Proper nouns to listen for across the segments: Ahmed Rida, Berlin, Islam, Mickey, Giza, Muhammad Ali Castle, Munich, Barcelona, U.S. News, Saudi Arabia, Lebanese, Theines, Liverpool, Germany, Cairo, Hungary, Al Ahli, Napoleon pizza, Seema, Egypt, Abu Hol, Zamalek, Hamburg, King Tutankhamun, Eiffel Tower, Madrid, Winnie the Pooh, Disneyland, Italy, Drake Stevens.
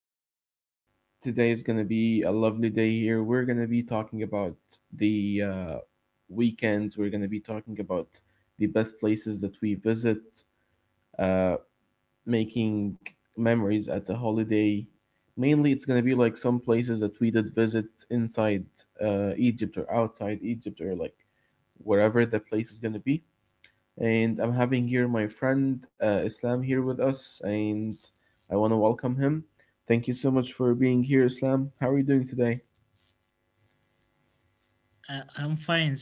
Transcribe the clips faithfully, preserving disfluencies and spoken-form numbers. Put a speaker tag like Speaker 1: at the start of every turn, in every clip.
Speaker 1: And today is going to be a lovely day here. We're going to be talking about the uh, weekends. We're going to be talking about the best places that we visit, uh, making memories at a holiday. Mainly, it's going to be like some places that we did visit inside uh, Egypt or outside Egypt or like wherever the place is going to be, and I'm having here my friend, uh, Islam, here with us, and I want to welcome him. Thank you so much for being here, Islam. How are you doing today?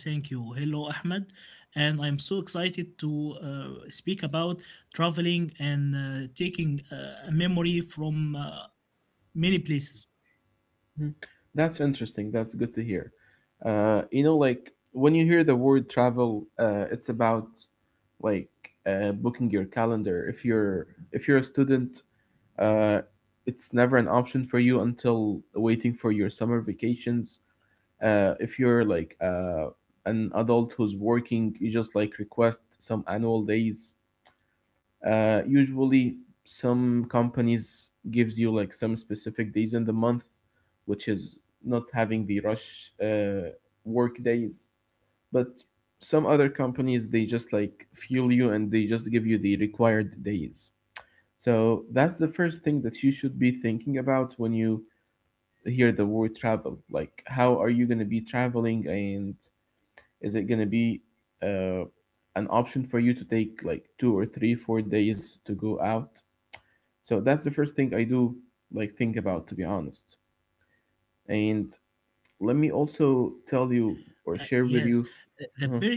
Speaker 2: Uh, I'm fine, thank you. Hello, Ahmed, and I'm so excited to uh, speak about traveling and uh, taking uh, a memory from uh, many places.
Speaker 1: Hmm. That's interesting. That's good to hear. Uh, you know, like when you hear the word travel, uh, it's about like uh, booking your calendar. If you're if you're a student, uh, it's never an option for you until waiting for your summer vacations. Uh, if you're like uh, an adult who's working, you just like request some annual days. Uh, usually some companies gives you like some specific days in the month which is not having the rush uh, work days, but some other companies they just like fuel you and they just give you the required days. So that's the first thing that you should be thinking about when you hear the word travel, like how are you going to be traveling, and is it gonna be uh, an option for you to take like two or three, four days to go out? So that's the first thing I do like think about, to be honest. And let me also tell
Speaker 2: Uh,
Speaker 1: you or
Speaker 2: yes,
Speaker 1: share with
Speaker 2: the
Speaker 1: you.
Speaker 2: the period.
Speaker 1: Mhm.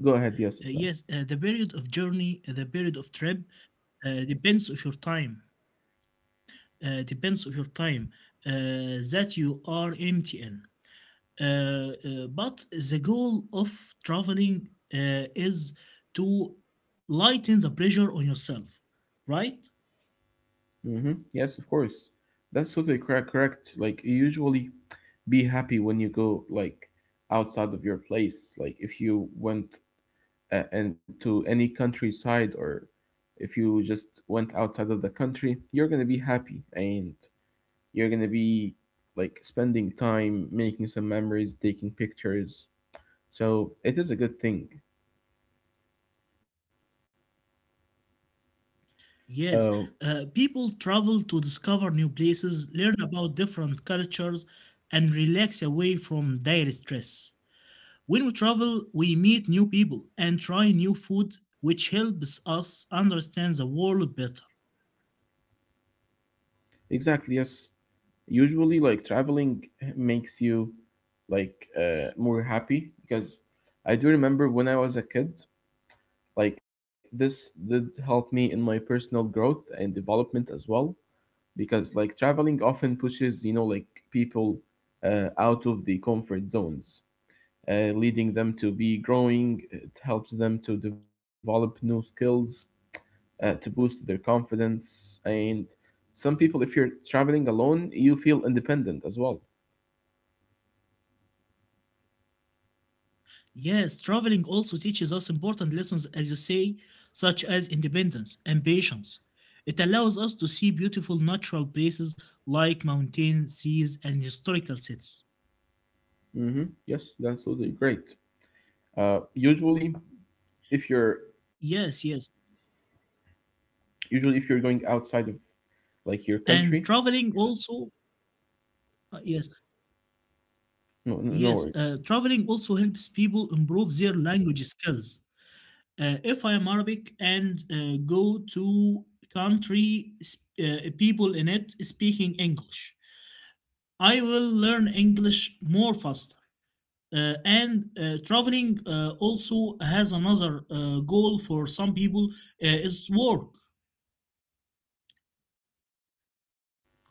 Speaker 1: Go
Speaker 2: Uh,
Speaker 1: ahead, yes,
Speaker 2: yes,
Speaker 1: Islam.
Speaker 2: uh, the period of journey, uh, the period of trip uh, depends of your time. Uh, depends of your time uh, that you are empty in. Uh, uh, but the goal of traveling uh, is to lighten the pressure on yourself, right?
Speaker 1: Mm-hmm. Yes, of course. That's totally correct. Correct. Like you usually be happy when you go like outside of your place. Like if you went uh, and to any countryside, or if you just went outside of the country, you're going to be happy and you're going to be like spending time making some memories, taking pictures, so it is a good thing. uh,
Speaker 2: Yes, uh, people travel to discover new places, learn about different cultures, and relax away from daily stress. When we travel, we meet new people and try new food, which helps us understand the world better.
Speaker 1: exactly, yes. Usually like traveling makes you like uh, more happy because I do remember when I was a kid, like this did help me in my personal growth and development as well, because like traveling often pushes, you know, like people uh, out of the comfort zones, uh, leading them to be growing. It helps them to develop new skills, uh, to boost their confidence, and some people, if you're traveling alone, you feel independent as well.
Speaker 2: Yes, traveling also teaches us important lessons, as you say, such as independence and patience. It allows us to see beautiful natural places like mountains, seas, and historical cities.
Speaker 1: Hmm, yes, that's totally great. Uh, usually if you're
Speaker 2: Yes, yes.
Speaker 1: usually if you're going outside of like your country.
Speaker 2: And traveling also, uh, yes,
Speaker 1: No, no,
Speaker 2: yes,
Speaker 1: no worry.
Speaker 2: uh, traveling also helps people improve their language skills. Uh, if I am Arabic and uh, go to country, sp- uh, people in it speaking English, I will learn English more faster. Uh, and uh, Traveling uh, also has another uh, goal for some people uh, is work.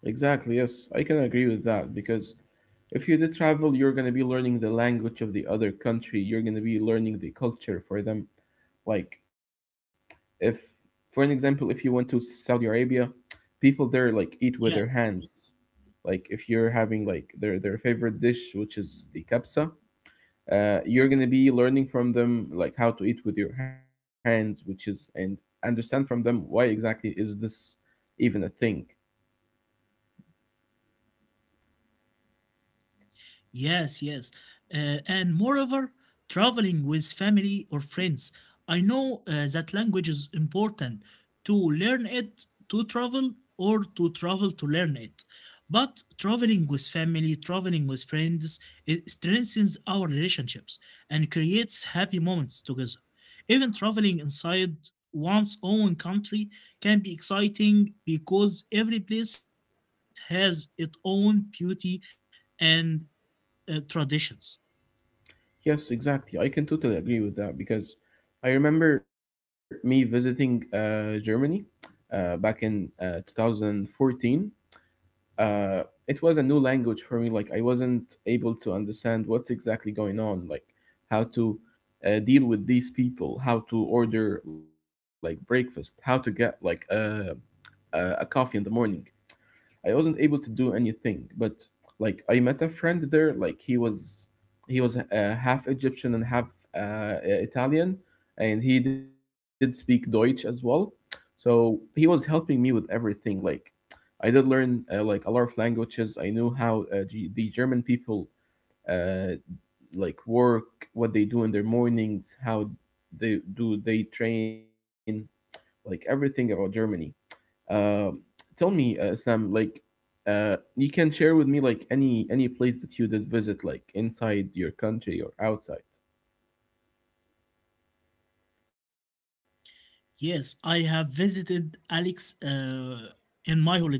Speaker 1: Exactly, yes, I can agree with that, because if you do travel, you're going to be learning the language of the other country, you're going to be learning the culture for them. Like, if, for an example, if you went to Saudi Arabia, people there like eat
Speaker 2: Yeah.
Speaker 1: with their hands. Like, if you're having like their their favorite dish, which is the kabsa, uh, you're going to be learning from them like how to eat with your hands, which is, and understand from them why exactly is this even a thing.
Speaker 2: Yes, yes. Uh, and moreover, traveling with family or friends. I know uh, that language is important to learn it, to travel, or to travel to learn it. But traveling with family, traveling with friends, it strengthens our relationships and creates happy moments together. Even traveling inside one's own country can be exciting because every place has its own beauty and uh, traditions.
Speaker 1: Yes, exactly. I can totally agree with that because I remember me visiting uh, Germany uh, back in uh, twenty fourteen. Uh, it was a new language for me. Like, I wasn't able to understand what's exactly going on, like how to uh, deal with these people, how to order like breakfast, how to get like uh, uh, a coffee in the morning. I wasn't able to do anything, but like I met a friend there. Like he was, he was uh, half Egyptian and half uh, Italian, and he did speak Deutsch as well. So he was helping me with everything. Like I did learn uh, like a lot of languages. I knew how uh, G- the German people uh, like work, what they do in their mornings, how they do they train, like everything about Germany. Um, Tell me, uh, Islam, like, uh, you can share with me like any any place that you did visit, like inside your country or outside.
Speaker 2: Yes, I have visited Alex uh, in my holiday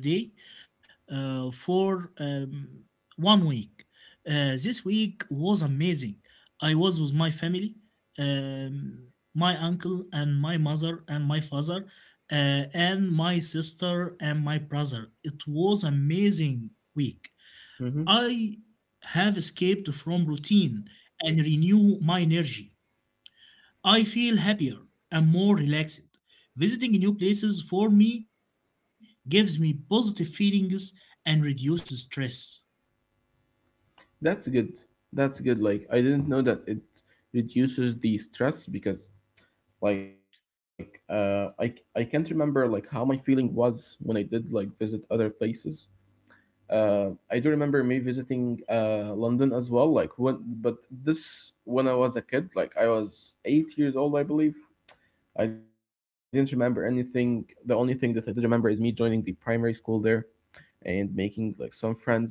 Speaker 2: uh, for um, one week. Uh, this week was amazing. I was with my family, um, my uncle and my mother and my father, uh, and my sister and my brother. It was amazing week.
Speaker 1: Hmm.
Speaker 2: I have escaped from routine and renew my energy. I feel happier and more relaxed. Visiting new places for me gives me positive feelings and reduces stress.
Speaker 1: That's good. That's good. Like, I didn't know that it reduces the stress, because like, uh, I I can't remember like how my feeling was when I did like visit other places. Uh, I do remember me visiting uh London as well. Like when, but this when I was a kid, like I was eight years old, I believe. I didn't remember anything. The only thing that I did remember is me joining the primary school there and making like some friends.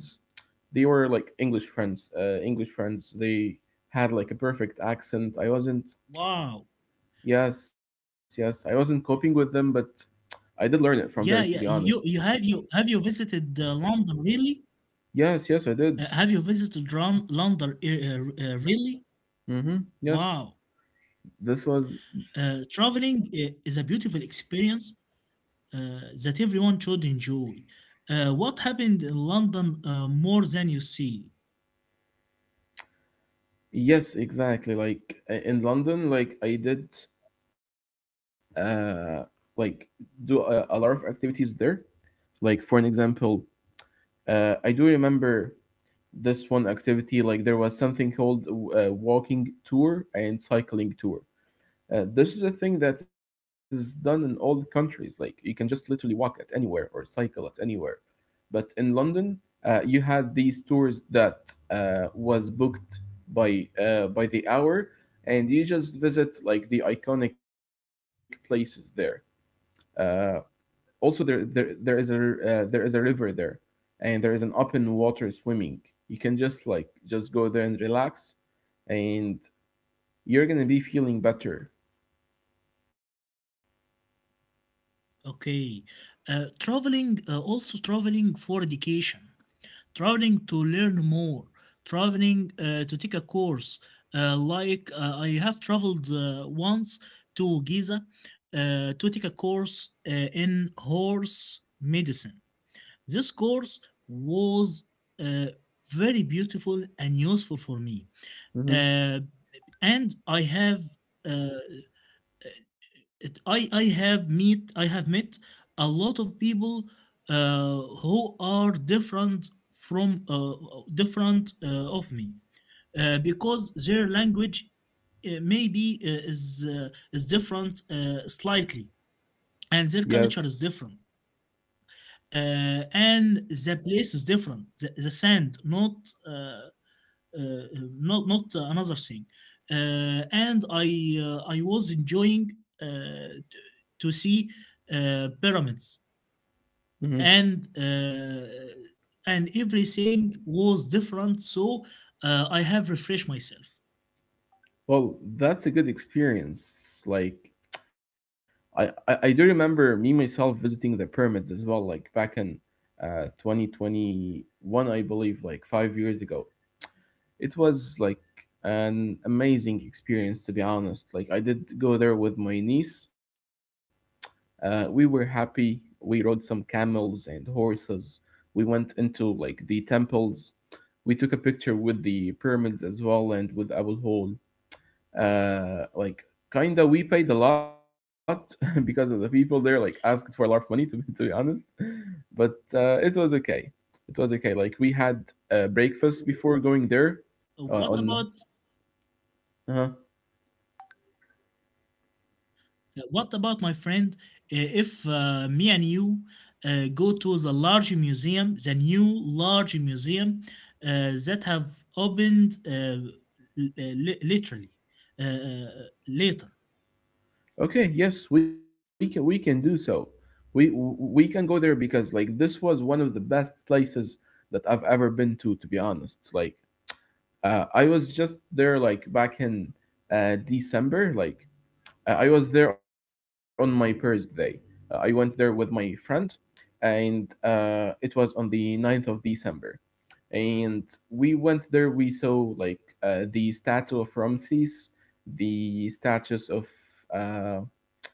Speaker 1: They were like English friends, uh, English friends. They had like a perfect accent. I wasn't,
Speaker 2: Wow.
Speaker 1: Yes, yes, I wasn't coping with them, but I did learn it from there, to be
Speaker 2: Yeah, yeah.
Speaker 1: honest.
Speaker 2: You you have you have you visited uh, London really?
Speaker 1: Yes, yes, I
Speaker 2: Uh,
Speaker 1: did.
Speaker 2: have you visited Ron- London uh, uh, really?
Speaker 1: Mm-hmm. Yes,
Speaker 2: Wow.
Speaker 1: this was,
Speaker 2: Uh, traveling uh, is a beautiful experience uh, that everyone should enjoy. Uh, what happened in London uh, more than you see?
Speaker 1: yes, exactly. Like i- in London, like I did, uh, like do a, a lot of activities there. Like for an example, Uh, I do remember this one activity. Like there was something called a walking tour and cycling tour. Uh, this is a thing that is done in all the countries. Like you can just literally walk at anywhere or cycle at anywhere. But in London, uh, you had these tours that uh, was booked by uh, by the hour, and you just visit like the iconic places there. Uh, Also there there, there is a uh, there is a river there, and there is an open water swimming. You can just like just go there and relax, and you're gonna be feeling better.
Speaker 2: Okay. Uh, traveling, uh, also traveling for education, traveling to learn more, traveling uh, to take a course. Uh, like uh, I have traveled uh, once to Giza uh, to take a course uh, in horse medicine. This course was uh, very beautiful and useful for me.
Speaker 1: Hmm,
Speaker 2: Uh, and I have uh, it, I I have meet I have met a lot of people uh, who are different from uh, different uh, of me uh, because their language uh, maybe uh, is uh, is different uh, slightly
Speaker 1: yes.
Speaker 2: and their culture is different uh, and the place is different the, the sand not uh, uh, uh, not not uh, another thing. Uh, and I uh, I was enjoying uh, to see uh, pyramids
Speaker 1: Hmm,
Speaker 2: and uh, and everything was different. So uh, I have refreshed myself.
Speaker 1: well, that's a good experience. Like, I, I i do remember me myself visiting the pyramids as well, like back in uh twenty twenty-one I believe, like five years ago. It was like an amazing experience, to be honest. Like, I did go there with my niece. Uh, we were happy. We rode some camels and horses. We went into like the temples. We took a picture with the pyramids as well, and with Abu Hol. Uh, like, kinda, we paid a lot because of the people there. Like, asked for a lot of money, to be, to be honest, but uh, it was okay. It was okay. Like, we had uh, breakfast before going there
Speaker 2: What
Speaker 1: uh,
Speaker 2: about?
Speaker 1: on uh-huh.
Speaker 2: Uh, What about my friend? uh, If uh, me and you uh, go to the large museum, the new large museum uh, that have opened uh, l- uh, li- literally uh, uh, later.
Speaker 1: Okay, yes, we can we can do so. We w- we can go there because like this was one of the best places that I've ever been to to be honest. Like uh, I was just there like back in uh, December. Like I I was there on my birthday. Uh, I went there with my friend, and uh, it was on the ninth of December. And we went there, we saw like uh, the statue of Ramses, the statues of uh,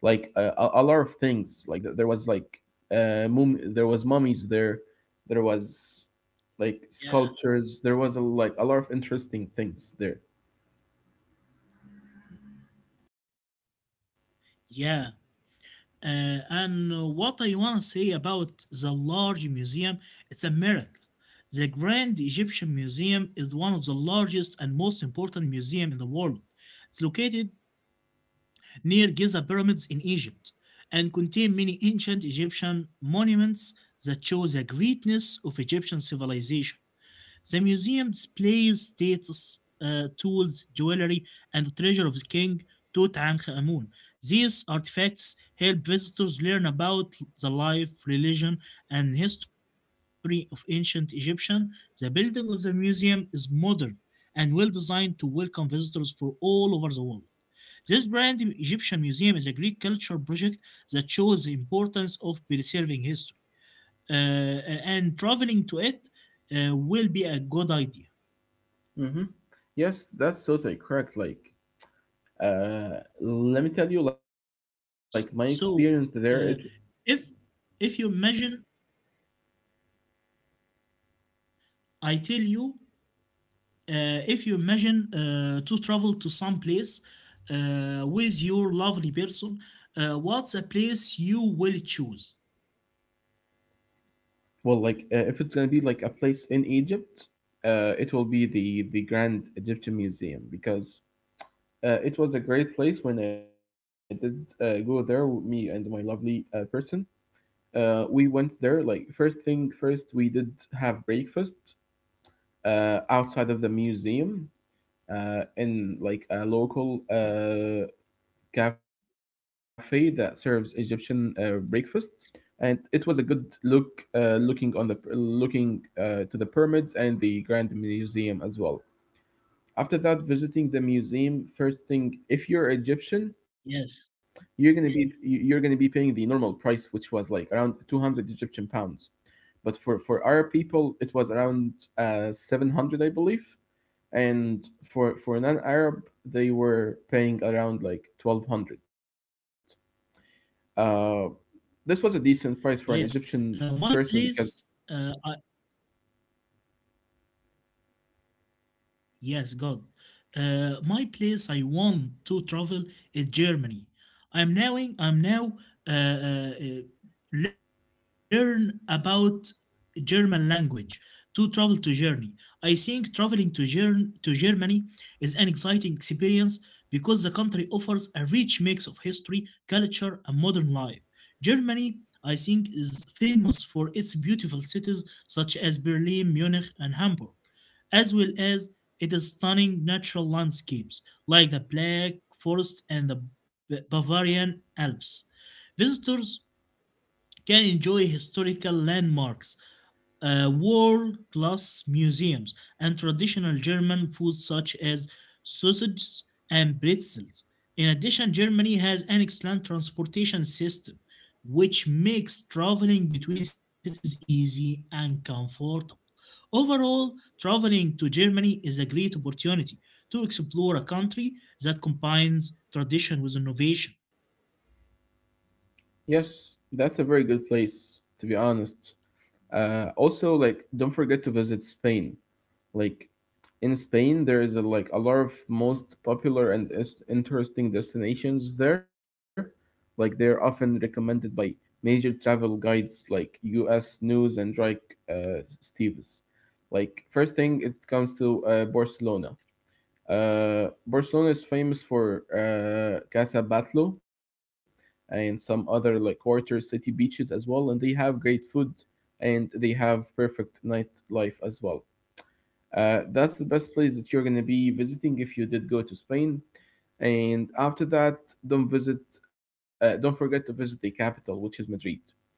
Speaker 1: like a, a a lot of things, like th- there was like uh mum there was mummies there, there was
Speaker 2: Yeah,
Speaker 1: like sculptures, there was a, like a lot of interesting things there.
Speaker 2: yeah. Uh, and uh, What I want to say about the large museum, it's a miracle. The Grand Egyptian Museum is one of the largest and most important museum in the world. It's located near Giza pyramids in Egypt and contain many ancient Egyptian monuments that show the greatness of Egyptian civilization. The museum displays status, uh, tools, jewelry, and the treasure of the King Tutankhamun. These artifacts help visitors learn about the life, religion, and history of ancient Egyptian. The building of the museum is modern and well designed to welcome visitors from all over the world. This brand Egyptian Museum is a Greek culture project that shows the importance of preserving history, uh, uh, and traveling to it uh, will be a good idea.
Speaker 1: Hmm, yes, that's totally correct. Like uh let me tell you like my experience
Speaker 2: S-
Speaker 1: there. It
Speaker 2: So, uh, if if you imagine, I tell you, uh, if you imagine uh, to travel to some place uh, with your lovely person, uh, what's a place you will choose?
Speaker 1: Well, like uh, if it's going to be like a place in Egypt, uh it will be the the Grand Egyptian Museum because uh, it was a great place when I did uh, go there with me and my lovely uh, person. Uh, we went there like first thing first, we did have breakfast uh, outside of the museum, uh, in like a local uh, cafe that serves Egyptian uh, breakfast. And it was a good look uh, looking on the looking uh, to the pyramids and the Grand Museum as well. After that, visiting the museum, first thing, if you're Egyptian,
Speaker 2: Yes,
Speaker 1: you're gonna be you're gonna be paying the normal price, which was like around two hundred Egyptian pounds, but for for Arab people, it was around uh, seven hundred, I believe, and for for non-Arab, they were paying around like twelve hundred. Uh, this was a decent price for an
Speaker 2: yes.
Speaker 1: Egyptian
Speaker 2: Uh,
Speaker 1: person
Speaker 2: my
Speaker 1: because
Speaker 2: place. Uh, Yes, God. Uh, my place I want to travel is Germany. I'm now in, I'm now uh, uh, uh, learn about German language to travel to Germany. I think traveling to Ger- to Germany is an exciting experience because the country offers a rich mix of history, culture, and modern life. Germany, I think, is famous for its beautiful cities such as Berlin, Munich, and Hamburg as well as its stunning natural landscapes like the Black Forest and the Ba- Bavarian Alps. Visitors can enjoy historical landmarks, uh, world class museums and traditional German food such as sausages and pretzels. In addition, Germany has an excellent transportation system, which makes traveling between cities easy and comfortable. Overall, traveling to Germany is a great opportunity to explore a country that combines tradition with innovation.
Speaker 1: yes, that's a very good place, to be honest. Uh, also, like don't forget to visit Spain. Like in Spain, there is a, like a lot of most popular and is- interesting destinations there. Like they're often recommended by major travel guides like U S. News and Drake uh, Stevens. Like first thing, it comes to uh, Barcelona. Uh, Barcelona is famous for uh, Casa Batlló and some other like quarter city beaches as well, and they have great food, and they have perfect nightlife as well. Uh, that's the best place that you're gonna be visiting if you did go to Spain. And after that, don't visit. Uh, don't forget to visit the capital, which is Madrid.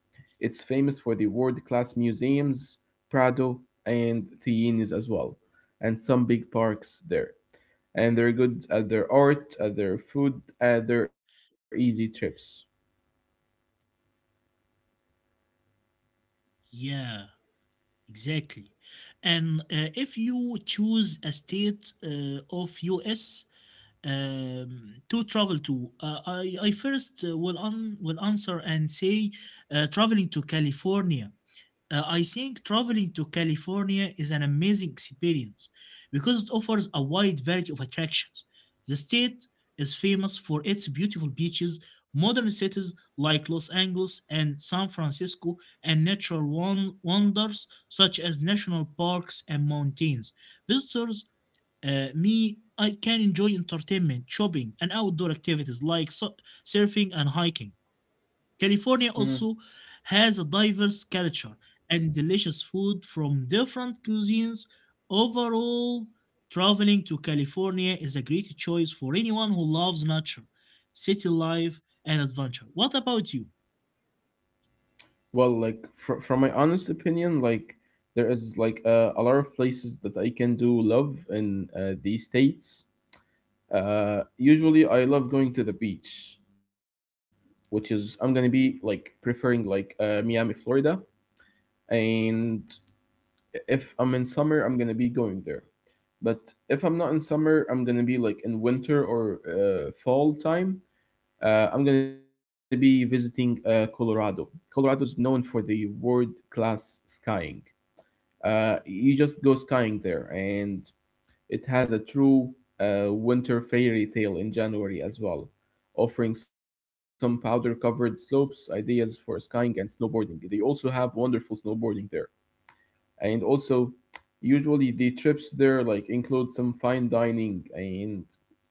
Speaker 1: It's famous for the world-class museums, Prado and Theines as well, and some big parks there. And they're good at their art, at their food, at their easy trips.
Speaker 2: Yeah, exactly. And uh, if you choose a state uh, of U S, um, to travel to? Uh, I, I first uh, will, un- will answer and say uh, traveling to California. Uh, I think traveling to California is an amazing experience because it offers a wide variety of attractions. The state is famous for its beautiful beaches, modern cities like Los Angeles and San Francisco, and natural won- wonders such as national parks and mountains. Visitors uh, me, I can enjoy entertainment, shopping, and outdoor activities like su- surfing and hiking.
Speaker 1: Mhm.
Speaker 2: California also has a diverse culture and delicious food from different cuisines. Overall, traveling to California is a great choice for anyone who loves nature, city life, and adventure. What about you?
Speaker 1: Well, like fr- from my honest opinion, like there is like uh, a lot of places that I can do love in uh, these states. Uh, usually, I love going to the beach, which is I'm gonna be like preferring like uh, Miami, Florida, and if I'm in summer, I'm gonna be going there. But if I'm not in summer, I'm gonna be like in winter or uh, fall time. Uh, I'm gonna be visiting uh, Colorado. Colorado's known for the world class skiing. Uh, you just go skiing there, and it has a true uh, winter fairy tale in January as well, offering some powder covered slopes, ideas for skiing and snowboarding. They also have wonderful snowboarding there. And also, usually the trips there like include some fine dining and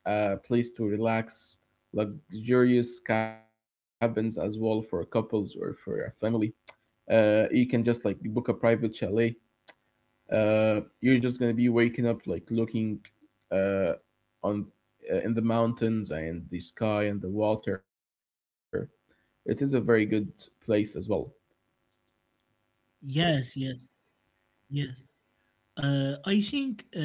Speaker 1: a place to relax, luxurious cabins as well for couples or for a family. Uh, you can just like book a private chalet, uh, you're just gonna be waking up like looking, uh, on, uh, in the mountains and the sky and the water. It is a very good place as well.
Speaker 2: Yes, yes, yes. Uh, I think uh,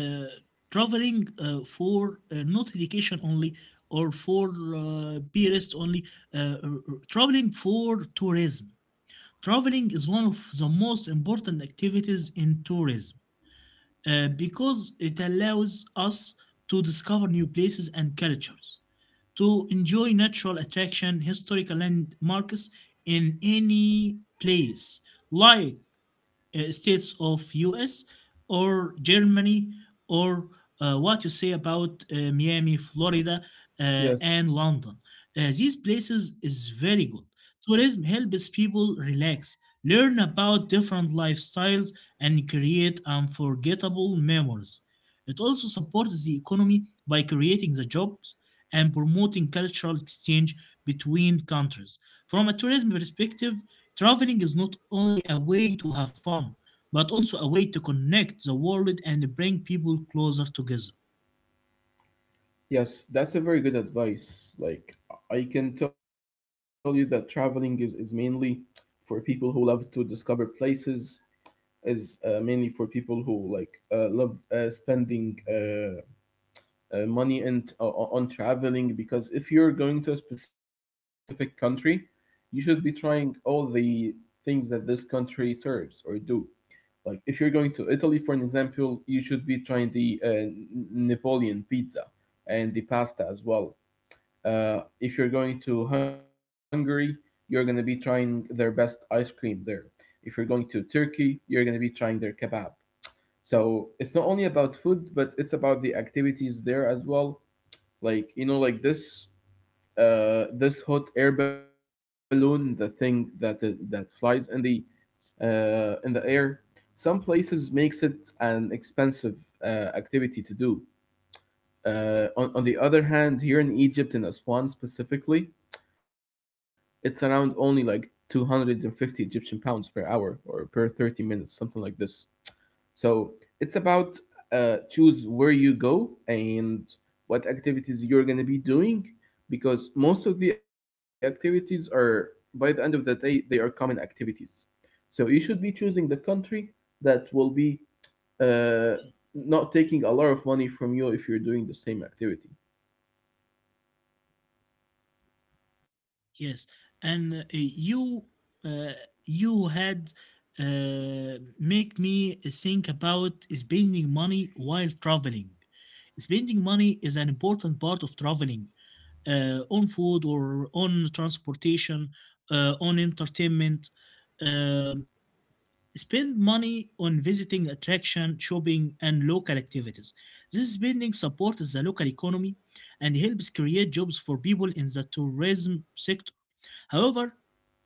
Speaker 2: traveling uh, for uh, not education only or for uh, tourists only, uh, r- r- traveling for tourism. Traveling is one of the most important activities in tourism uh, because it allows us to discover new places and cultures, to enjoy natural attraction, historical landmarks in any place, like uh, states of U S or Germany or uh, what you say about uh, Miami, Florida, uh,
Speaker 1: Yes,
Speaker 2: and London. Uh, these places is very good. Tourism helps people relax, learn about different lifestyles, and create unforgettable memories. It also supports the economy by creating the jobs and promoting cultural exchange between countries. From a tourism perspective, traveling is not only a way to have fun, but also a way to connect the world and bring people closer together.
Speaker 1: yes, that's a very good advice. Like I can tell you that traveling is, is mainly for people who love to discover places. Is uh, mainly for people who like uh, love uh, spending uh, uh, money and uh, on traveling, because if you're going to a specific country you should be trying all the things that this country serves or do. Like if you're going to Italy, for an example, you should be trying the uh, N- Napoleon pizza and the pasta as well. Uh, if you're going to Hungary, you're going to be trying their best ice cream there. If you're going to Turkey, you're going to be trying their kebab. So it's not only about food, but it's about the activities there as well. Like, you know, like this, uh this hot air balloon, the thing that that flies in the, uh in the air. Some places makes it an expensive uh, activity to do. Uh on, on the other hand, here in Egypt, in Aswan specifically, it's around only like two hundred fifty Egyptian pounds per hour or per thirty minutes, something like this. So it's about, uh, choose where you go and what activities you're gonna be doing, because most of the activities are, by the end of the day, they are common activities. So you should be choosing the country that will be, uh, not taking a lot of money from you if you're doing the same activity.
Speaker 2: Yes, and uh, you uh, you had uh, make me think about spending money while traveling. Spending money is an important part of traveling, uh, on food or on transportation, uh, on entertainment. Uh, Spend money on visiting attraction, shopping, and local activities. This spending supports the local economy and helps create jobs for people in the tourism sector. However,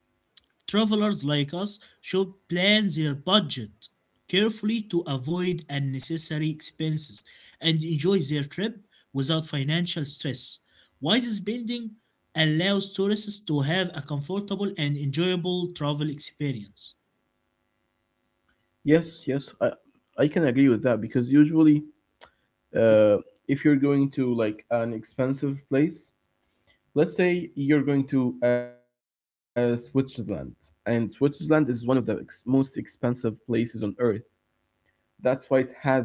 Speaker 2: travelers like us should plan their budget carefully to avoid unnecessary expenses and enjoy their trip without financial stress. Wise spending allows tourists to have a comfortable and enjoyable travel experience.
Speaker 1: Yes, yes, I, I can agree with that because usually, uh, if you're going to like an expensive place, let's say you're going to uh, Switzerland, and Switzerland is one of the ex- most expensive places on earth. That's why it has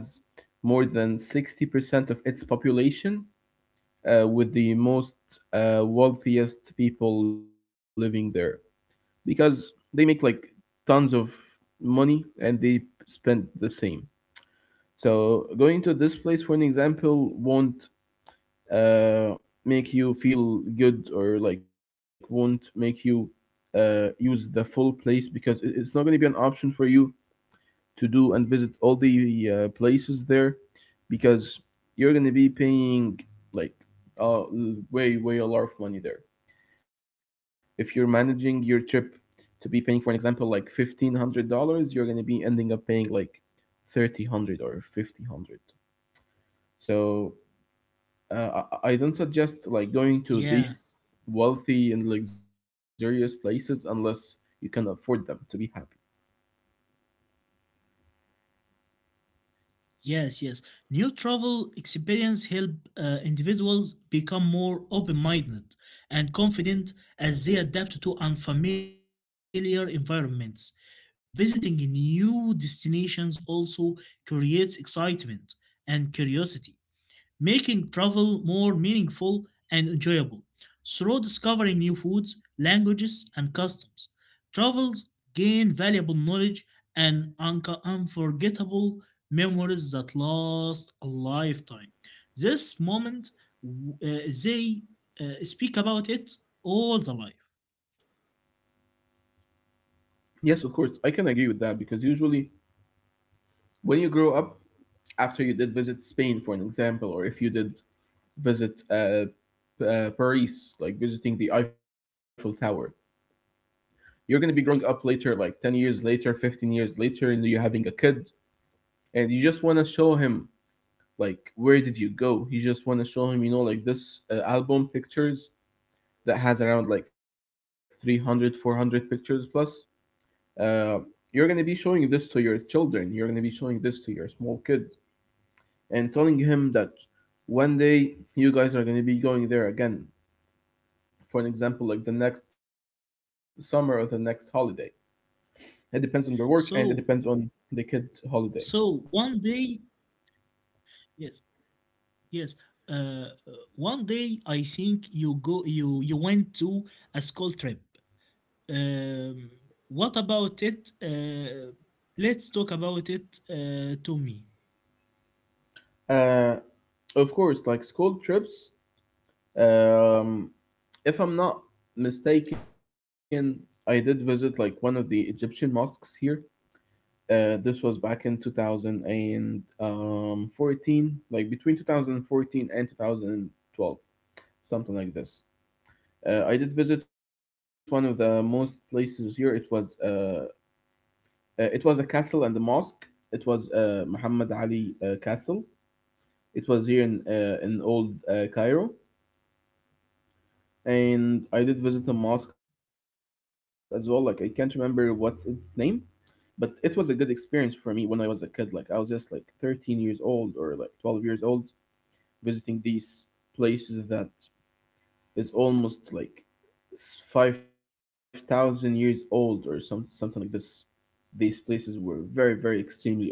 Speaker 1: more than sixty percent of its population, uh, with the most uh, wealthiest people living there, because they make like tons of money and they spend the same. So going to this place, for an example, won't, uh, make you feel good, or like won't make you uh, use the full place, because it- it's not going to be an option for you to do and visit all the uh, places there, because you're going to be paying like, uh, way way a lot of money there. If you're managing your trip to be paying, for an example, like fifteen hundred dollars, you're going to be ending up paying like thirty hundred or fifty hundred. So uh, I I don't suggest like going to
Speaker 2: Yeah.
Speaker 1: these wealthy and luxurious places unless you can afford them to be happy.
Speaker 2: Yes, yes. New travel experience help uh, individuals become more open-minded and confident as they adapt to unfamiliar environments. Visiting new destinations also creates excitement and curiosity making travel more meaningful and enjoyable through discovering new foods, languages, and customs. Travels gain valuable knowledge and unco- unforgettable memories that last a lifetime. This moment, w- uh, they uh, speak about it all the life.
Speaker 1: Yes, of course, I can agree with that because usually when you grow up, after you did visit Spain, for an example, or if you did visit, uh, P- uh, Paris, like visiting the Eiffel Tower, you're going to be growing up later, like ten years later, fifteen years later, and you're having a kid, and you just want to show him like where did you go. You just want to show him, you know, like this uh, album pictures that has around like three hundred, four hundred pictures plus. uh, you're going to be showing this to your children, you're going to be showing this to your small kid, and telling him that one day you guys are going to be going there again, for an example like the next summer or the next holiday. It depends on your work and it
Speaker 2: So,
Speaker 1: depends on the kid holiday.
Speaker 2: so one day, yes, yes. Uh, uh, One day I think you go you you went to a school trip. Um, what about it? Uh, let's talk about it, uh, Tommy.
Speaker 1: uh, of course, like school trips, um, if I'm not mistaken, I did visit like one of the Egyptian mosques here. Uh, this was back in two thousand fourteen, like between two thousand fourteen and two thousand twelve, something like this. Uh, I did visit one of the most places here. It was uh, uh, it was a castle and a mosque. It was uh, Muhammad Ali uh, Castle. It was here in uh, in old uh, Cairo, and I did visit a mosque as well. Like I can't remember what's its name, but it was a good experience for me when I was a kid. Like I was just like thirteen years old or like twelve years old visiting these places that is almost like s- five thousand years old or some something like this. These places were very very extremely old.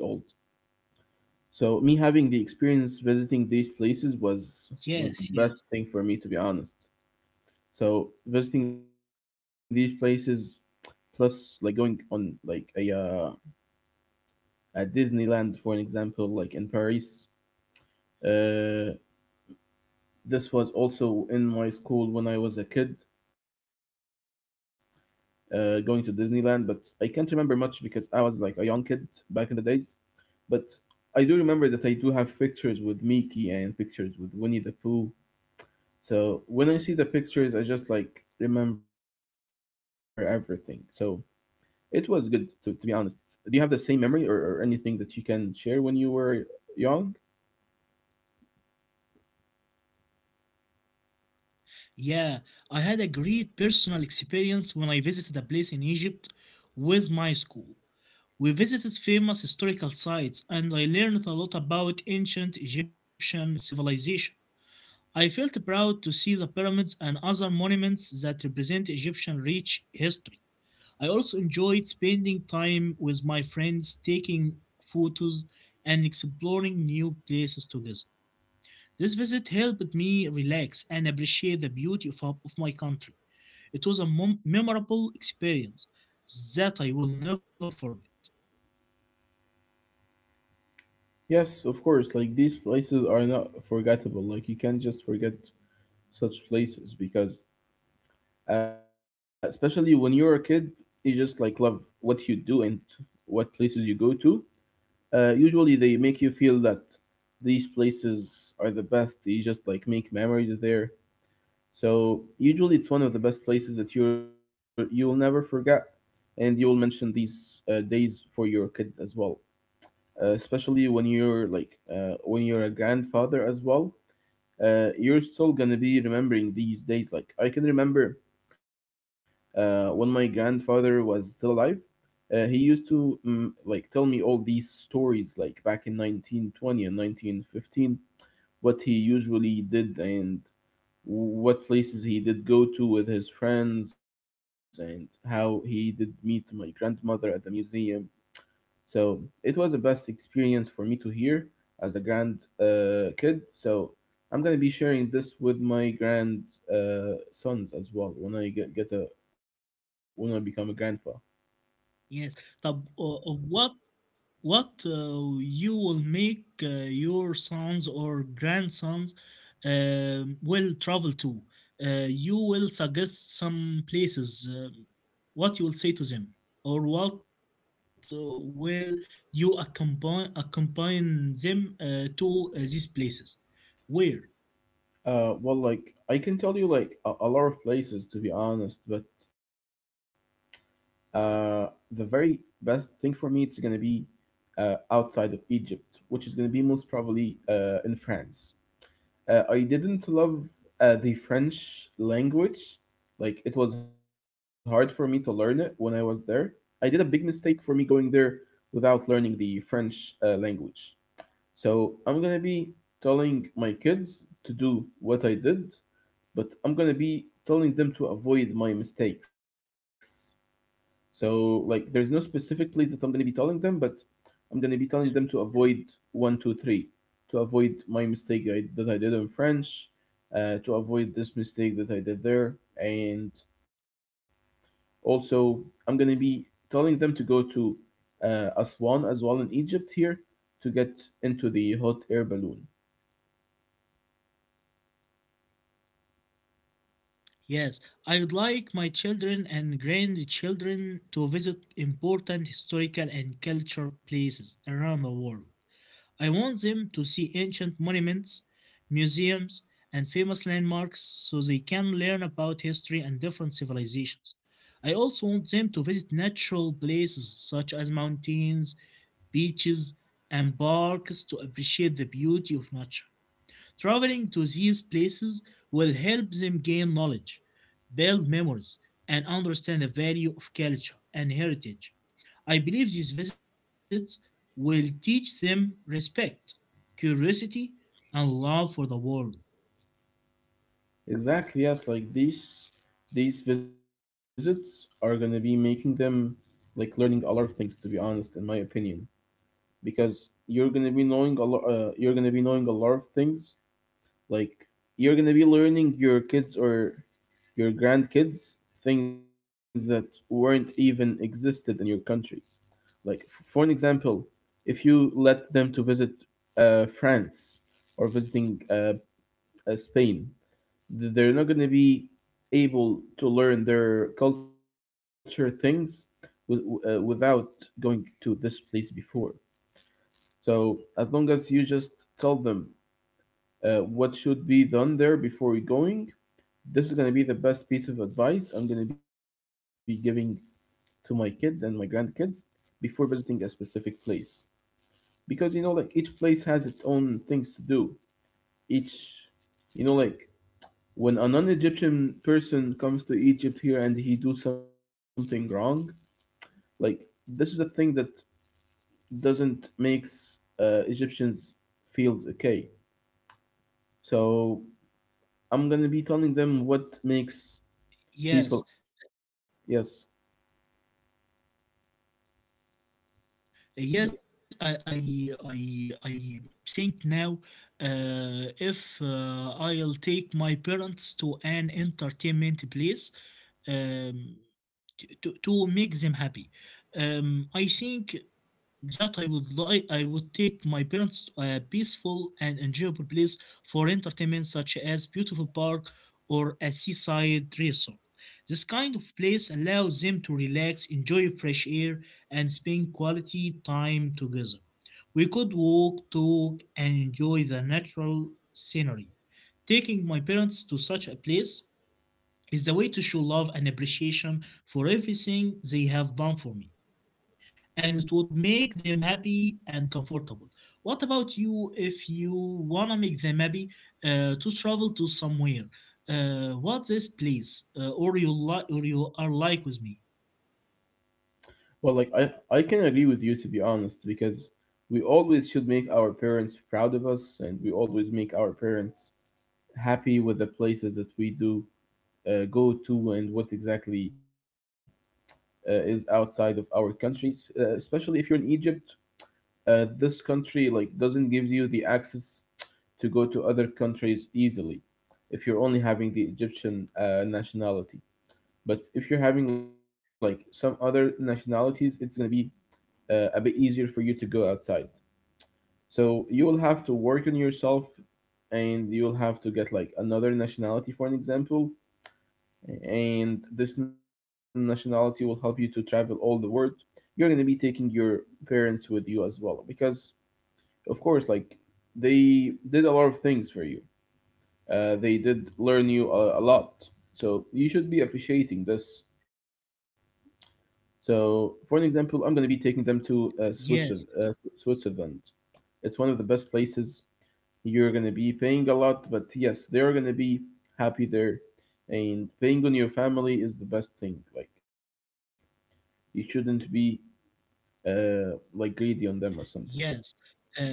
Speaker 1: So me having the experience visiting these places was
Speaker 2: Yes,
Speaker 1: was
Speaker 2: yes.
Speaker 1: the best thing for me to be honest. So visiting these places plus like going on like a, uh, at Disneyland, for an example, like in Paris. Uh, this was also in my school when I was a kid, uh, going to Disneyland, but I can't remember much because I was like a young kid back in the days. But I do remember that I do have pictures with Mickey and pictures with Winnie the Pooh. So when I see the pictures, I just like remember everything. So it was good to, to be honest. Do you have the same memory, or, or anything that you can share when you were young?
Speaker 2: Yeah, I had a great personal experience when I visited a place in Egypt with my school. We visited famous historical sites and I learned a lot about ancient Egyptian civilization. I felt proud to see the pyramids and other monuments that represent Egyptian rich history. I also enjoyed spending time with my friends, taking photos, and exploring new places together. This visit helped me relax and appreciate the beauty of, of my country. It was a mem- memorable experience that I will never forget.
Speaker 1: Yes, of course. Like these places are not forgettable. Like you can't just forget such places because, uh, especially when you're a kid, you just like love what you do and what places you go to. Uh, usually they make you feel that these places are the best. You just like make memories there. So usually it's one of the best places that you you will never forget, and you will mention these uh, days for your kids as well, uh, especially when you're like, uh, when you're a grandfather as well. Uh, you're still gonna be remembering these days. Like I can remember uh, when my grandfather was still alive, uh, he used to mm, like tell me all these stories like back in nineteen twenty and nineteen fifteen, what he usually did and what places he did go to with his friends, and how he did meet my grandmother at the museum. So it was the best experience for me to hear as a grand uh, kid. So I'm gonna be sharing this with my grand, uh, sons as well when I get, get a when I become a grandpa.
Speaker 2: Yes. طب uh, uh, what what uh, you will make uh, your sons or grandsons um, will travel to? Uh, you will suggest some places. Uh, what you will say to them, or what uh, will you accompany accompany them uh, to uh, these places? Where?
Speaker 1: Uh, well, like I can tell you like a, a lot of places to be honest, but uh, the very best thing for me it's gonna be uh, outside of Egypt, which is gonna be most probably uh, in France. Uh, I didn't love uh, the French language. Like, it was hard for me to learn it when I was there. I did a big mistake for me going there without learning the French uh, language. So, I'm gonna be telling my kids to do what I did, but I'm gonna be telling them to avoid my mistakes. So like there is no specific place that I'm gonna be telling them, but I'm gonna be telling them to avoid one, two, three, to avoid my mistake I, that I did in French, uh, to avoid this mistake that I did there, and also I'm gonna be telling them to go to uh, Aswan as well in Egypt here, to get into the hot air balloon.
Speaker 2: Yes, I would like my children and grandchildren to visit important historical and cultural places around the world. I want them to see ancient monuments, museums, and famous landmarks so they can learn about history and different civilizations. I also want them to visit natural places such as mountains, beaches, and parks to appreciate the beauty of nature. Traveling to these places will help them gain knowledge build memories, and understand the value of culture and heritage. I believe these visits will teach them respect, curiosity, and love for the world.
Speaker 1: Exactly, yes, like these these visits are gonna be making them like learning a lot of things to be honest in my opinion, because you're gonna be knowing a lot. Uh, you're gonna be knowing a lot of things. Like you're gonna be learning your kids or your grandkids things that weren't even existed in your country. Like f- for an example, if you let them to visit uh, France, or visiting uh, uh, Spain, th- they're not gonna be able to learn their culture things with, uh, without going to this place before. So as long as you just tell them uh, what should be done there before we going, this is gonna be the best piece of advice I'm gonna be giving to my kids and my grandkids before visiting a specific place. Because you know, like each place has its own things to do. Each, you know, like When a non-Egyptian person comes to Egypt here and he do something wrong, like this is a thing that doesn't makes uh, Egyptians feels okay. So I'm gonna be telling them what makes people.
Speaker 2: Yes,
Speaker 1: Yes. The-
Speaker 2: yes, I, I, I, I think now uh, if uh, I'll take my parents to an entertainment place, um, to, to, to make them happy. Um, I think that I would like I would take my parents to a peaceful and enjoyable place for entertainment, such as beautiful park or a seaside resort. This kind of place allows them to relax, enjoy fresh air, and spend quality time together. We could walk, talk, and enjoy the natural scenery. Taking my parents to such a place is a way to show love and appreciation for everything they have done for me, and it would make them happy and comfortable. What about you, if you wanna make them happy uh, to travel to somewhere? Uh, what this place uh, or you like, or you are like with me?
Speaker 1: Well, like I I can agree with you to be honest because we always should make our parents proud of us and we always make our parents happy with the places that we do uh, go to and what exactly uh, is outside of our country, s- uh, especially if you're in Egypt. Uh, this country like doesn't give you the access to go to other countries easily if you're only having the Egyptian uh, nationality. But if you're having like some other nationalities, it's going to be uh, a bit easier for you to go outside. So you will have to work on yourself, and you'll have to get like another nationality, for an example. And this nationality will help you to travel all the world. You're going to be taking your parents with you as well because, of course, like they did a lot of things for you. Uh, they did learn you a, a lot. So you should be appreciating this. So, for an example, I'm going to be taking them to uh, Switzerland. Uh, Swi-
Speaker 2: Yes,
Speaker 1: Switzerland. It's one of the best places. You're going to be paying a lot, but yes, they're going to be happy there. And paying on your family is the best thing. Like you shouldn't be uh, like greedy on them or something.
Speaker 2: yes. Uh,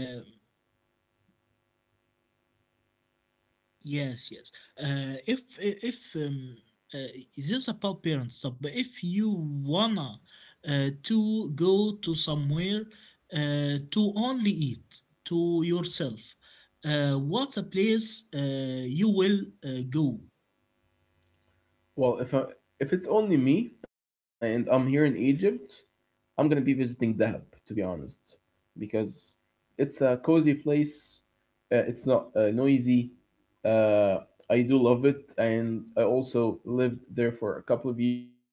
Speaker 2: Yes, yes. Uh, if if um, uh, this is about parents, so, but if you wanna uh, to go to somewhere uh, to only eat to yourself, uh, what's a place uh, you will uh, go?
Speaker 1: Well, if I, if it's only me and I'm here in Egypt, I'm gonna be visiting Dahab, to be honest, because it's a cozy place. Uh, it's not uh, noisy. Uh, I do love it, and I also lived there for a couple of years.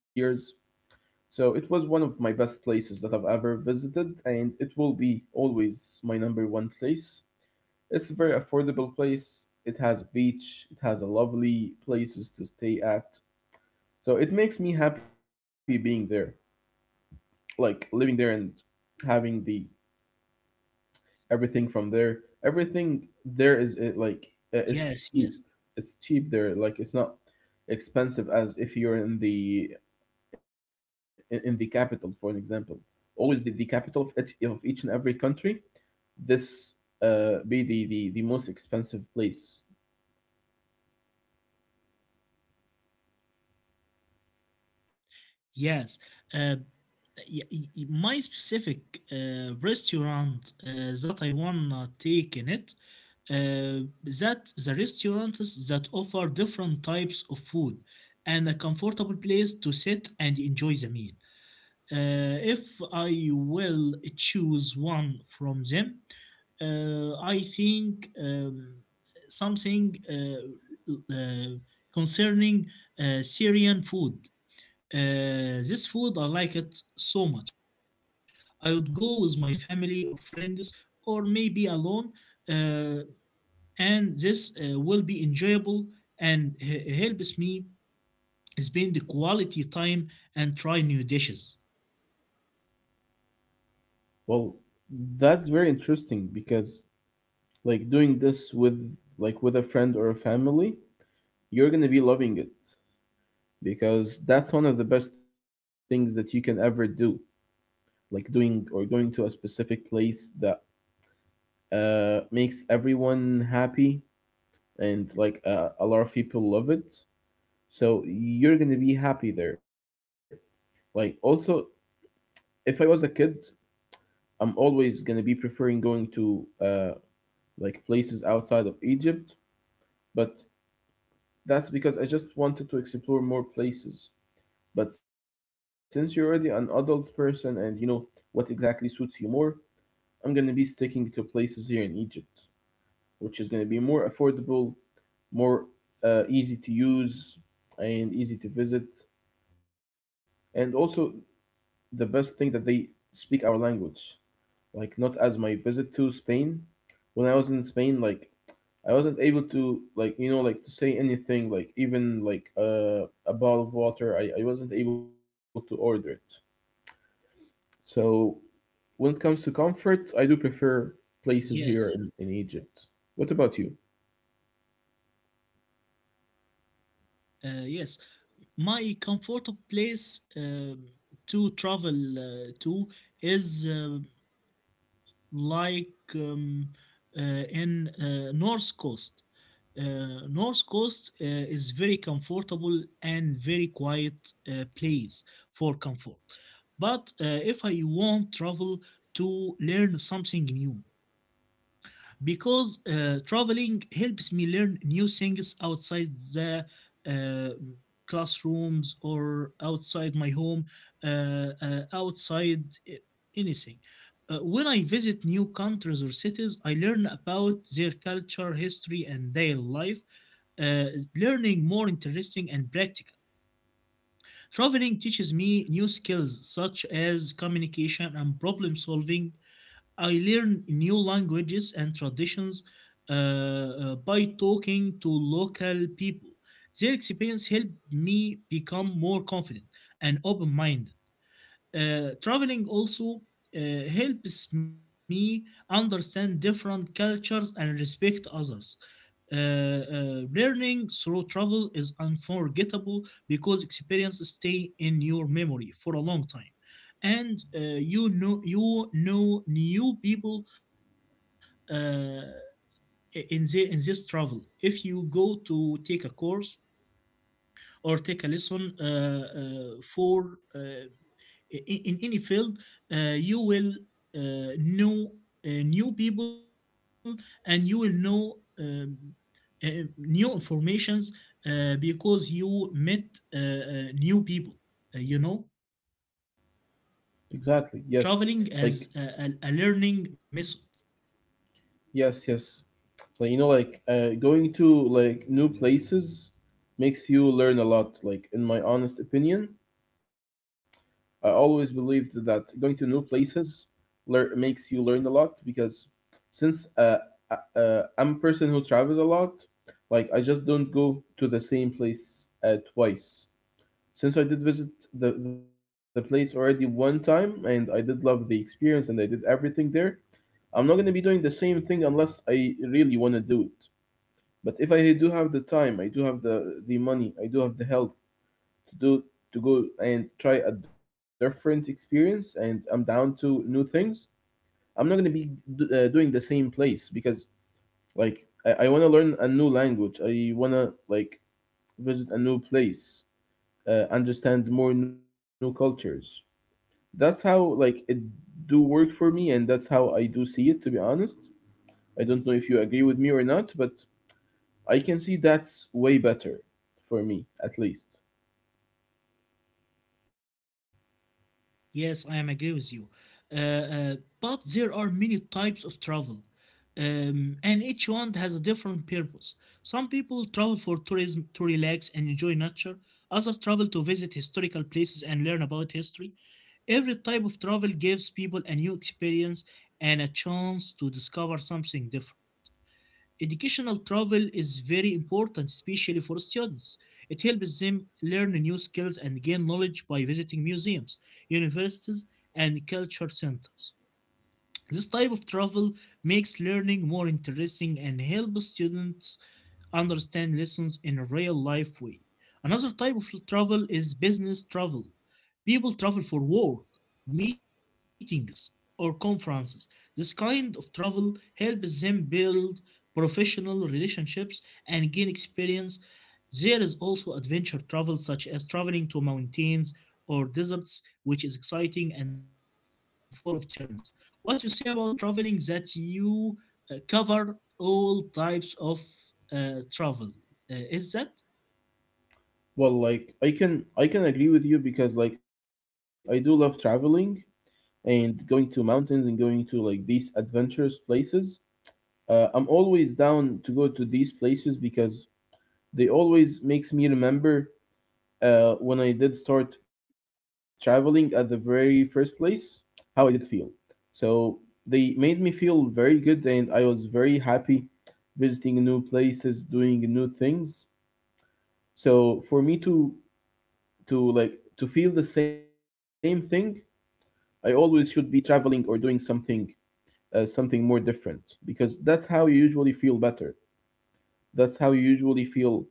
Speaker 1: So it was one of my best places that I've ever visited, and it will be always my number one place. It's a very affordable place. It has a beach. It has a lovely places to stay at. So it makes me happy being there, like living there and having the everything from there. Everything there is it like uh, it's
Speaker 2: Yes, yes,
Speaker 1: cheap. It's cheap there. Like it's not expensive as if you're in the in in the capital, for an example. Always the, the capital of each of each and every country. This uh be the the the most expensive place.
Speaker 2: yes. Uh, y- y- my specific uh, restaurant uh, that I wanna take in it, uh, that the restaurants that offer different types of food and a comfortable place to sit and enjoy the meal. Uh, if I will choose one from them, uh, I think, um, something uh, uh, concerning uh, Syrian food. Uh, this food I like it so much. I would go with my family or friends, or maybe alone. Uh, and this uh, will be enjoyable and h- helps me spend the quality time and try new dishes.
Speaker 1: Well, that's very interesting because like doing this with like with a friend or a family, you're gonna be loving it because that's one of the best things that you can ever do, like doing or going to a specific place that uh, makes everyone happy and like uh, a lot of people love it, so you're gonna be happy there. Like also, if I was a kid, I'm always gonna be preferring going to uh, like places outside of Egypt, but that's because I just wanted to explore more places. But since you're already an adult person and you know what exactly suits you more, I'm gonna be sticking to places here in Egypt, which is going to be more affordable, more uh, easy to use, and easy to visit. And also, the best thing that they speak our language. Like, not as my visit to Spain. When I was in Spain, like, I wasn't able to, like, you know, like to say anything, like, even like uh, a bottle of water, I, I wasn't able to order it. So, when it comes to comfort, I do prefer
Speaker 2: Yes.
Speaker 1: places here in, in Egypt. What about you?
Speaker 2: Uh, yes, my comfort of place um, to travel uh, to is um like um, uh, in uh, North Coast. Uh, North Coast uh, is very comfortable and very quiet uh, place for comfort. But uh, if I want travel to learn something new, because uh, traveling helps me learn new things outside the uh, classrooms, or outside my home, uh, uh, outside uh, anything. Uh, when I visit new countries or cities, I learn about their culture, history, and daily life, uh, learning more interesting and practical. Traveling teaches me new skills such as communication and problem solving. I learn new languages and traditions uh, uh, by talking to local people. Their experience helped me become more confident and open minded. Uh, traveling also uh, helps me understand different cultures and respect others. Uh, uh, learning through travel is unforgettable because experiences stay in your memory for a long time, and uh, you know you know new people uh, in the, in this travel. If you go to take a course or take a lesson uh, uh, for uh, in in any field, uh, you will uh, know uh, new people, and you will know um, uh, new informations uh, because you met uh, uh, new people. Uh, you know,
Speaker 1: Exactly, yes. Like,
Speaker 2: traveling as a, a, a, learning method.
Speaker 1: yes, yes. Like you know, like uh, going to like new places makes you learn a lot. Like in my honest opinion, I always believed that going to new places lear- makes you learn a lot because since uh, uh, uh, I'm a person who travels a lot, like I just don't go to the same place uh, twice. Since I did visit the, the place already one time and I did love the experience and I did everything there, I'm not going to be doing the same thing unless I really want to do it. But if I do have the time, I do have the the money, I do have the health to do to go and try a different experience, and I'm down to new things. I'm not going to be do, uh, doing the same place because like I, I want to learn a new language. I want to like visit a new place, uh, understand more new cultures. That's how like it do work for me, and that's how I do see it. To be honest, I don't know if you agree with me or not, but I can see that's way better for me at least.
Speaker 2: Yes, I am agree with you. Uh, uh, but there are many types of travel, um, and each one has a different purpose. Some people travel for tourism to relax and enjoy nature. Others travel to visit historical places and learn about history. Every type of travel gives people a new experience and a chance to discover something different. Educational travel is very important, especially for students. It helps them learn new skills and gain knowledge by visiting museums, universities, and culture centers. This type of travel makes learning more interesting and helps students understand lessons in a real life way. Another type of travel is business travel. People travel for work, meetings, or conferences. This kind of travel helps them build professional relationships and gain experience. There is also adventure travel, such as traveling to mountains or deserts, which is exciting and full of challenge. What you say about traveling, that you uh, cover all types of uh, travel? Uh, is that
Speaker 1: Well, like I can I can agree with you because like I do love traveling and going to mountains and going to like these adventurous places. Uh, I'm always down to go to these places because they always makes me remember uh, when I did start traveling at the very first place how I did feel. So they made me feel very good and I was very happy visiting new places, doing new things. So for me to to like to feel the same thing, I always should be traveling or doing something uh, something more different because that's how you usually feel better. That's how you usually feel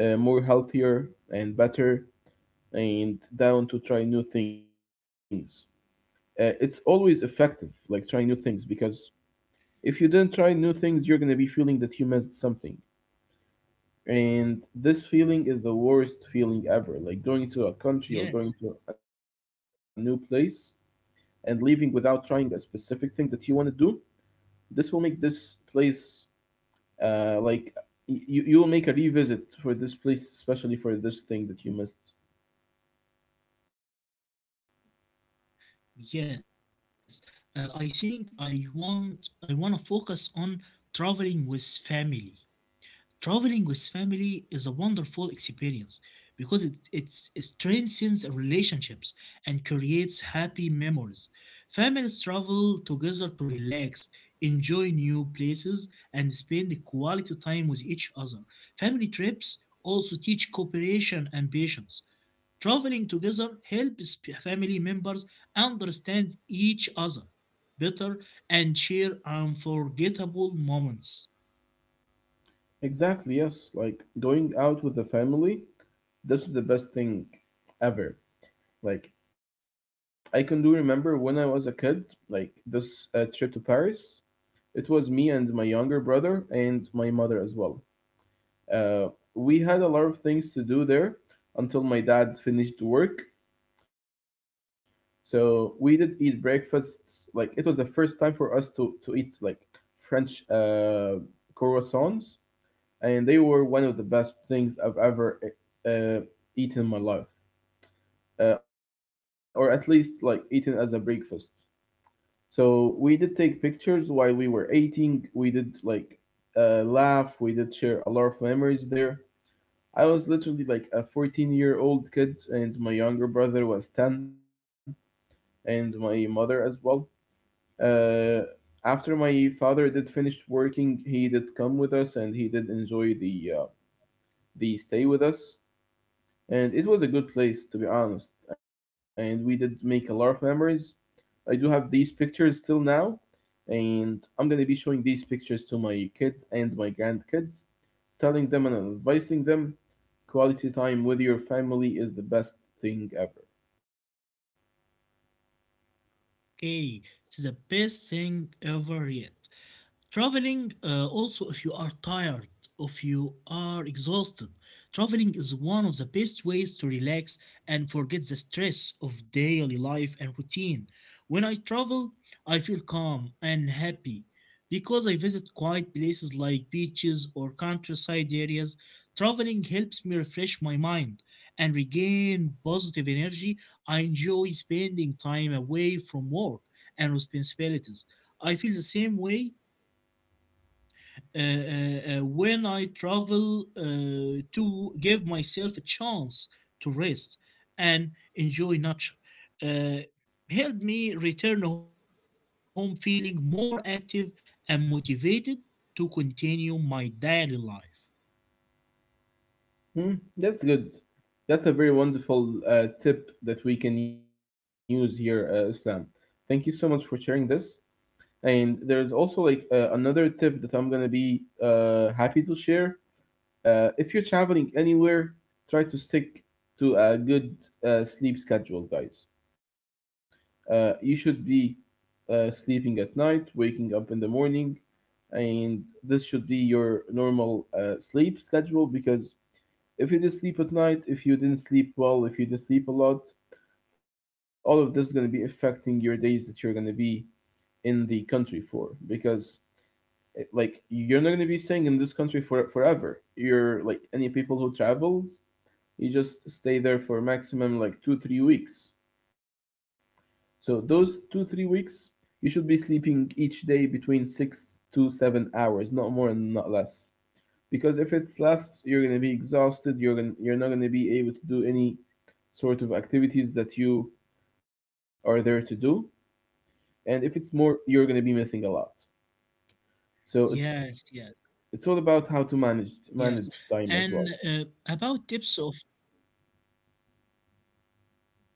Speaker 1: uh, more healthier and better and down to try new things. Uh, it's always effective, like trying new things because if you didn't try new things, you're gonna be feeling that you missed something. And this feeling is the worst feeling ever. Like going to a country or going to a
Speaker 2: Yes,
Speaker 1: new place and leaving without trying a specific thing that you want to do. This will make this place uh, like y- you you will make a revisit for this place, especially for this thing that you missed.
Speaker 2: yes. Uh, I think I want I want to focus on traveling with family. Traveling with family is a wonderful experience because it, it's- it strengthens relationships and creates happy memories. Families travel together to relax, enjoy new places, and spend quality time with each other. Family trips also teach cooperation and patience. Traveling together helps p- family members understand each other better and share unforgettable moments.
Speaker 1: Exactly, yes. Like going out with the family, this is the best thing ever. Like I can do remember when I was a kid, like this uh, trip to Paris. It was me and my younger brother and my mother as well. Uh, we had a lot of things to do there until my dad finished work. So we did eat breakfasts. Like it was the first time for us to to eat like French uh, croissants, and they were one of the best things I've ever uh, eaten in my life, uh, or at least like eaten as a breakfast. So we did take pictures while we were eating. We did like uh, laugh. We did share a lot of memories there. I was literally like a fourteen year old kid, and my younger brother was ten, and my mother as well. Uh, After my father did finish working, he did come with us, and he did enjoy the uh, the stay with us. And it was a good place, to be honest. And we did make a lot of memories. I do have these pictures till now, and I'm gonna be showing these pictures to my kids and my grandkids, telling them and advising them quality time with your family is the best thing ever.
Speaker 2: Okay, it's the best thing ever yet. Traveling, uh, also, if you are tired, if you are exhausted, traveling is one of the best ways to relax and forget the stress of daily life and routine. When I travel, I feel calm and happy because I visit quiet places like beaches or countryside areas. Traveling helps me refresh my mind and regain positive energy. I enjoy spending time away from work and responsibilities. I feel the same way uh, uh, uh, when I travel uh, to give myself a chance to rest and enjoy nature. Uh, Helped me return home feeling more active and motivated to continue my daily life.
Speaker 1: Hmm, that's good. That's a very wonderful uh, tip that we can use here, uh, Islam. Thank you so much for sharing this. And there's also like uh, another tip that I'm gonna be uh, happy to share. Uh, if you're traveling anywhere, try to stick to a good uh, sleep schedule, guys. Uh, you should be uh, sleeping at night, waking up in the morning, and this should be your normal uh, sleep schedule because if you didn't sleep at night, if you didn't sleep well, if you didn't sleep a lot, all of this is going to be affecting your days that you're going to be in the country for because it- like you're not going to be staying in this country for forever. You're like any people who travels, you just stay there for maximum like two three weeks. So those two three weeks you should be sleeping each day between six to seven hours, not more and not less, because if it's less, you're going to be exhausted. You're gonna, you're not going to be able to do any sort of activities that you are there to do. And if it's more, you're going to be missing a lot. So it's
Speaker 2: Yes, yes,
Speaker 1: it's all about how to manage
Speaker 2: yes.
Speaker 1: manage time
Speaker 2: And
Speaker 1: as well.
Speaker 2: uh, about tips of.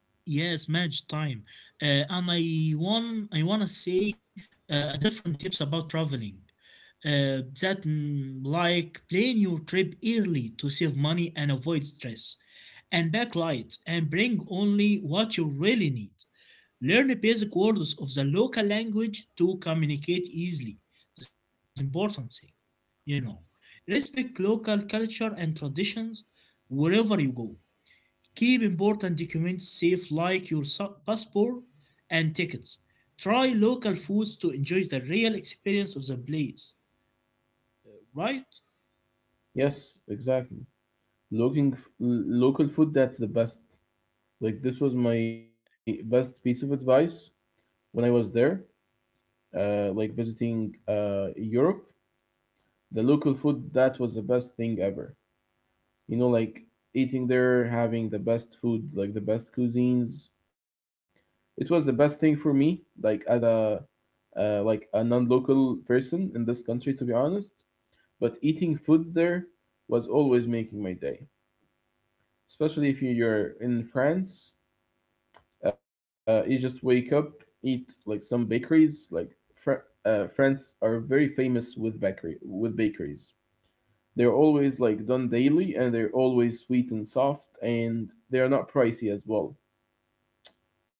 Speaker 2: Yes, manage time. Uh, and I want I wanna say uh, a different tips about traveling. Uh, that, mm, like, plan your trip early to save money and avoid stress. And backlight and bring only what you really need. Learn basic words of the local language to communicate easily. This is important thing, you know. Respect local culture and traditions wherever you go. Keep important documents safe, like your sa- passport and tickets. Try local foods to enjoy the real experience of the place, right?
Speaker 1: Yes, exactly. Looking f- local food, that's the best. Like this was my best piece of advice when I was there, uh, like visiting uh, Europe. The local food, that was the best thing ever. You know, like eating there, having the best food, like the best cuisines. It was the best thing for me, like, as a uh, like a non-local person in this country, to be honest. But eating food there was always making my day, especially if you're in France. Uh, you just wake up, eat like some bakeries. Like Fr- uh, France are very famous with bakery with bakeries. They're always like done daily, and they're always sweet and soft, and they are not pricey as well.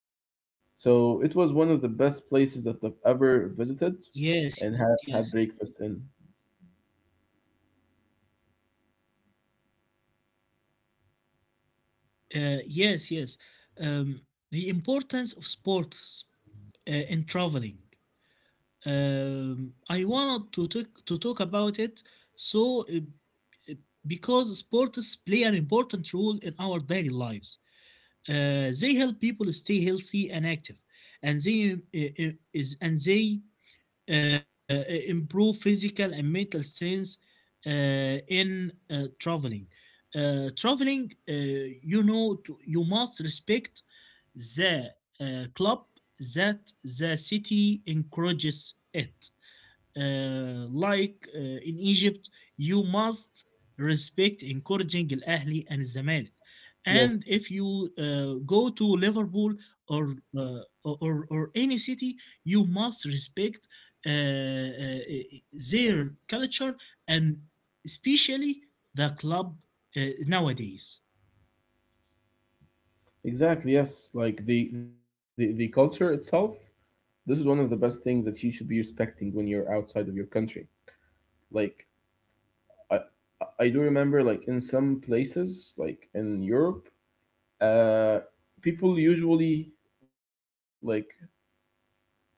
Speaker 1: So it was one of the best places that I've ever visited and
Speaker 2: Yes,
Speaker 1: had
Speaker 2: yes.
Speaker 1: had breakfast in.
Speaker 2: Uh, yes, yes. Um, the importance of sports uh, in traveling. Um, I wanted to talk, to talk about it, so uh, uh, because sports play an important role in our daily lives. Uh, they help people stay healthy and active, and they uh, uh, is and they uh, improve physical and mental strength uh, in uh, traveling. Uh, traveling, uh, you know, to, you must respect the uh, club that the city encourages it, uh, like uh, in Egypt. You must respect encouraging Al Ahli and Zamalek. And
Speaker 1: Yes,
Speaker 2: if you uh, go to Liverpool, or, uh, or or or any city, you must respect uh, uh, their culture, and especially the club, uh, nowadays.
Speaker 1: exactly. Yes, like the the, the culture itself. This is one of the best things that you should be respecting when you're outside of your country. Like I I do remember like in some places like in Europe, uh, people usually, like, uh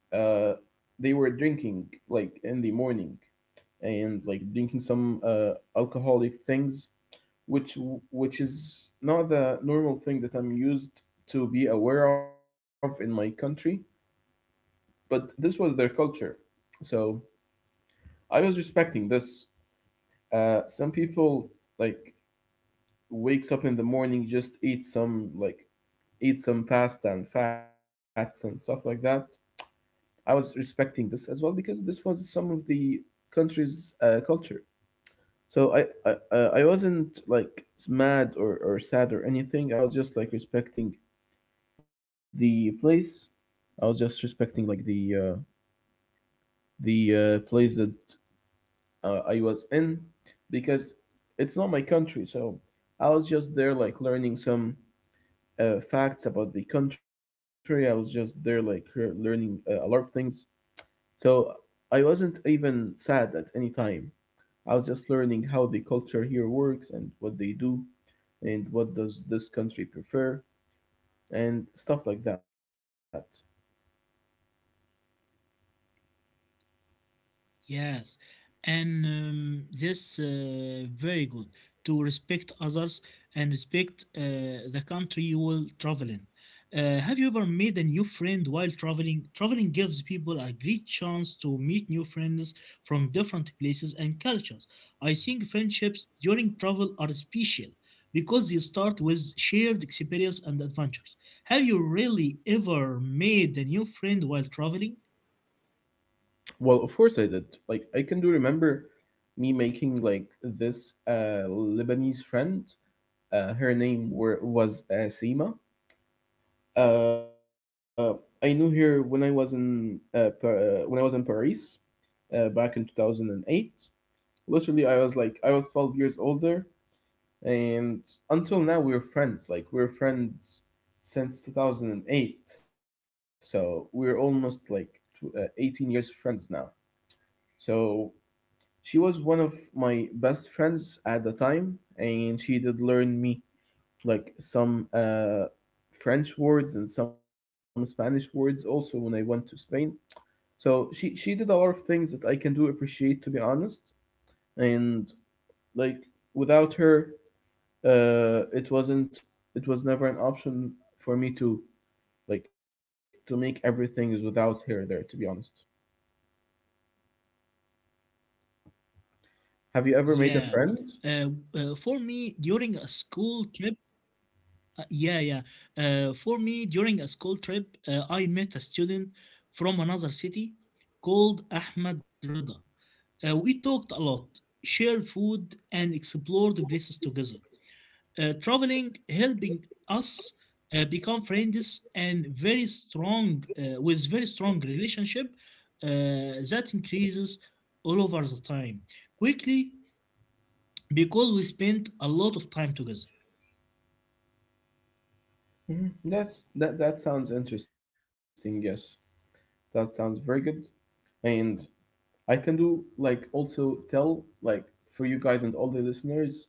Speaker 1: they were drinking like in the morning and like drinking some uh alcoholic things, which which is not the normal thing that I'm used to be aware of in my country, but this was their culture. So I was respecting this. Uh, some people like wakes up in the morning, just eat some like eat some pasta and fats and stuff like that. I was respecting this as well because this was some of the country's uh, culture. So I, I uh, I wasn't like mad or, or sad or anything. I was just like respecting the place. I was just respecting like the uh, the uh, place that uh, I was in because it's not my country. So I was just there like learning some uh, facts about the country. I was just there like learning uh, a lot of things. So I wasn't even sad at any time. I was just learning how the culture here works and what they do and what does this country prefer and stuff like that.
Speaker 2: Yes, and um, this uh, very good to respect others and respect uh, the country you will travel in. Uh, have you ever made a new friend while traveling? Traveling gives people a great chance to meet new friends from different places and cultures. I think friendships during travel are special because they start with shared experience and adventures. Have you really ever made a new friend while traveling?
Speaker 1: Well, of course I did. Like, I can do remember me making like this uh, Lebanese friend. Uh, her name were, was uh, Seema. Uh, I knew her when I was in uh, Par- uh, when I was in Paris uh, back in two thousand and eight. Literally, I was like I was twelve years older, and until now we're friends like we're friends since two thousand eight, so we're almost like tw- uh, eighteen years friends now. So she was one of my best friends at the time, and she did learn me like some uh, French words and some Spanish words also when I went to Spain. So she she did a lot of things that I can do appreciate, to be honest. And, like, without her, uh, it wasn't, it was never an option for me to, like, to make everything is without here or there, to be honest. Have you
Speaker 2: Yeah.
Speaker 1: ever made a
Speaker 2: Uh,
Speaker 1: friend?
Speaker 2: uh, for me, during a school trip, uh, yeah, yeah. Uh, for me, during a school trip, uh, I met a student from another city called Ahmed Rida. Uh, we talked a lot, shared food, and explored places together. Uh, traveling, helping us uh, become friends and very strong, uh, with very strong relationship uh, that increases all over the time. Quickly, because we spent a lot of time together.
Speaker 1: Mhm. That's that that sounds interesting. Yes, that sounds very good. And I can do like also tell like for you guys and all the listeners,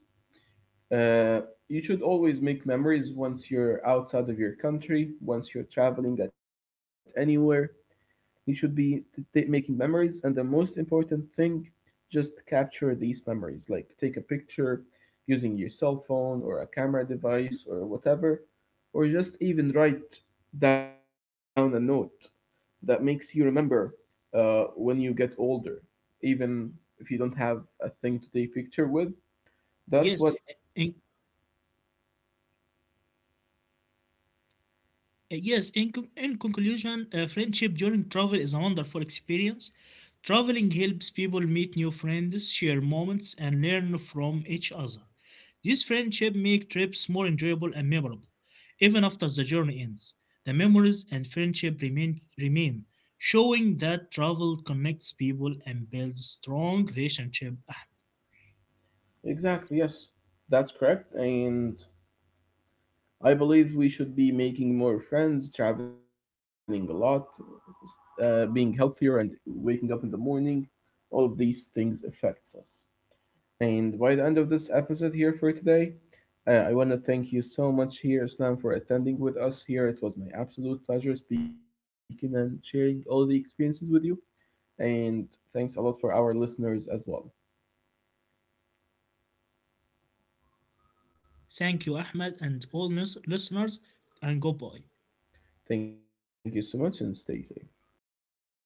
Speaker 1: uh, you should always make memories once you're outside of your country, once you're traveling at anywhere. You should be t- t- making memories, and the most important thing, just capture these memories. Like, take a picture using your cell phone or a camera device or whatever, or just even write down a note that makes you remember uh, when you get older, even if you don't have a thing to take picture with. That's
Speaker 2: Yes,
Speaker 1: what.
Speaker 2: in, uh, yes. In, con- in conclusion, uh, friendship during travel is a wonderful experience. Traveling helps people meet new friends, share moments, and learn from each other. This friendship make trips more enjoyable and memorable, even after the journey ends. The memories and friendship remain remain, showing that travel connects people and builds strong relationship.
Speaker 1: Exactly, yes, that's correct. And I believe we should be making more friends, traveling a lot, uh, being healthier, and waking up in the morning. All of these things affects us. And by the end of this episode here for today, uh, I want to thank you so much here, Islam, for attending with us here. It was my absolute pleasure speaking and sharing all the experiences with you. And thanks a lot for our listeners as well.
Speaker 2: Thank you, Ahmed, and all listeners, and goodbye.
Speaker 1: Thank you so much and stay safe.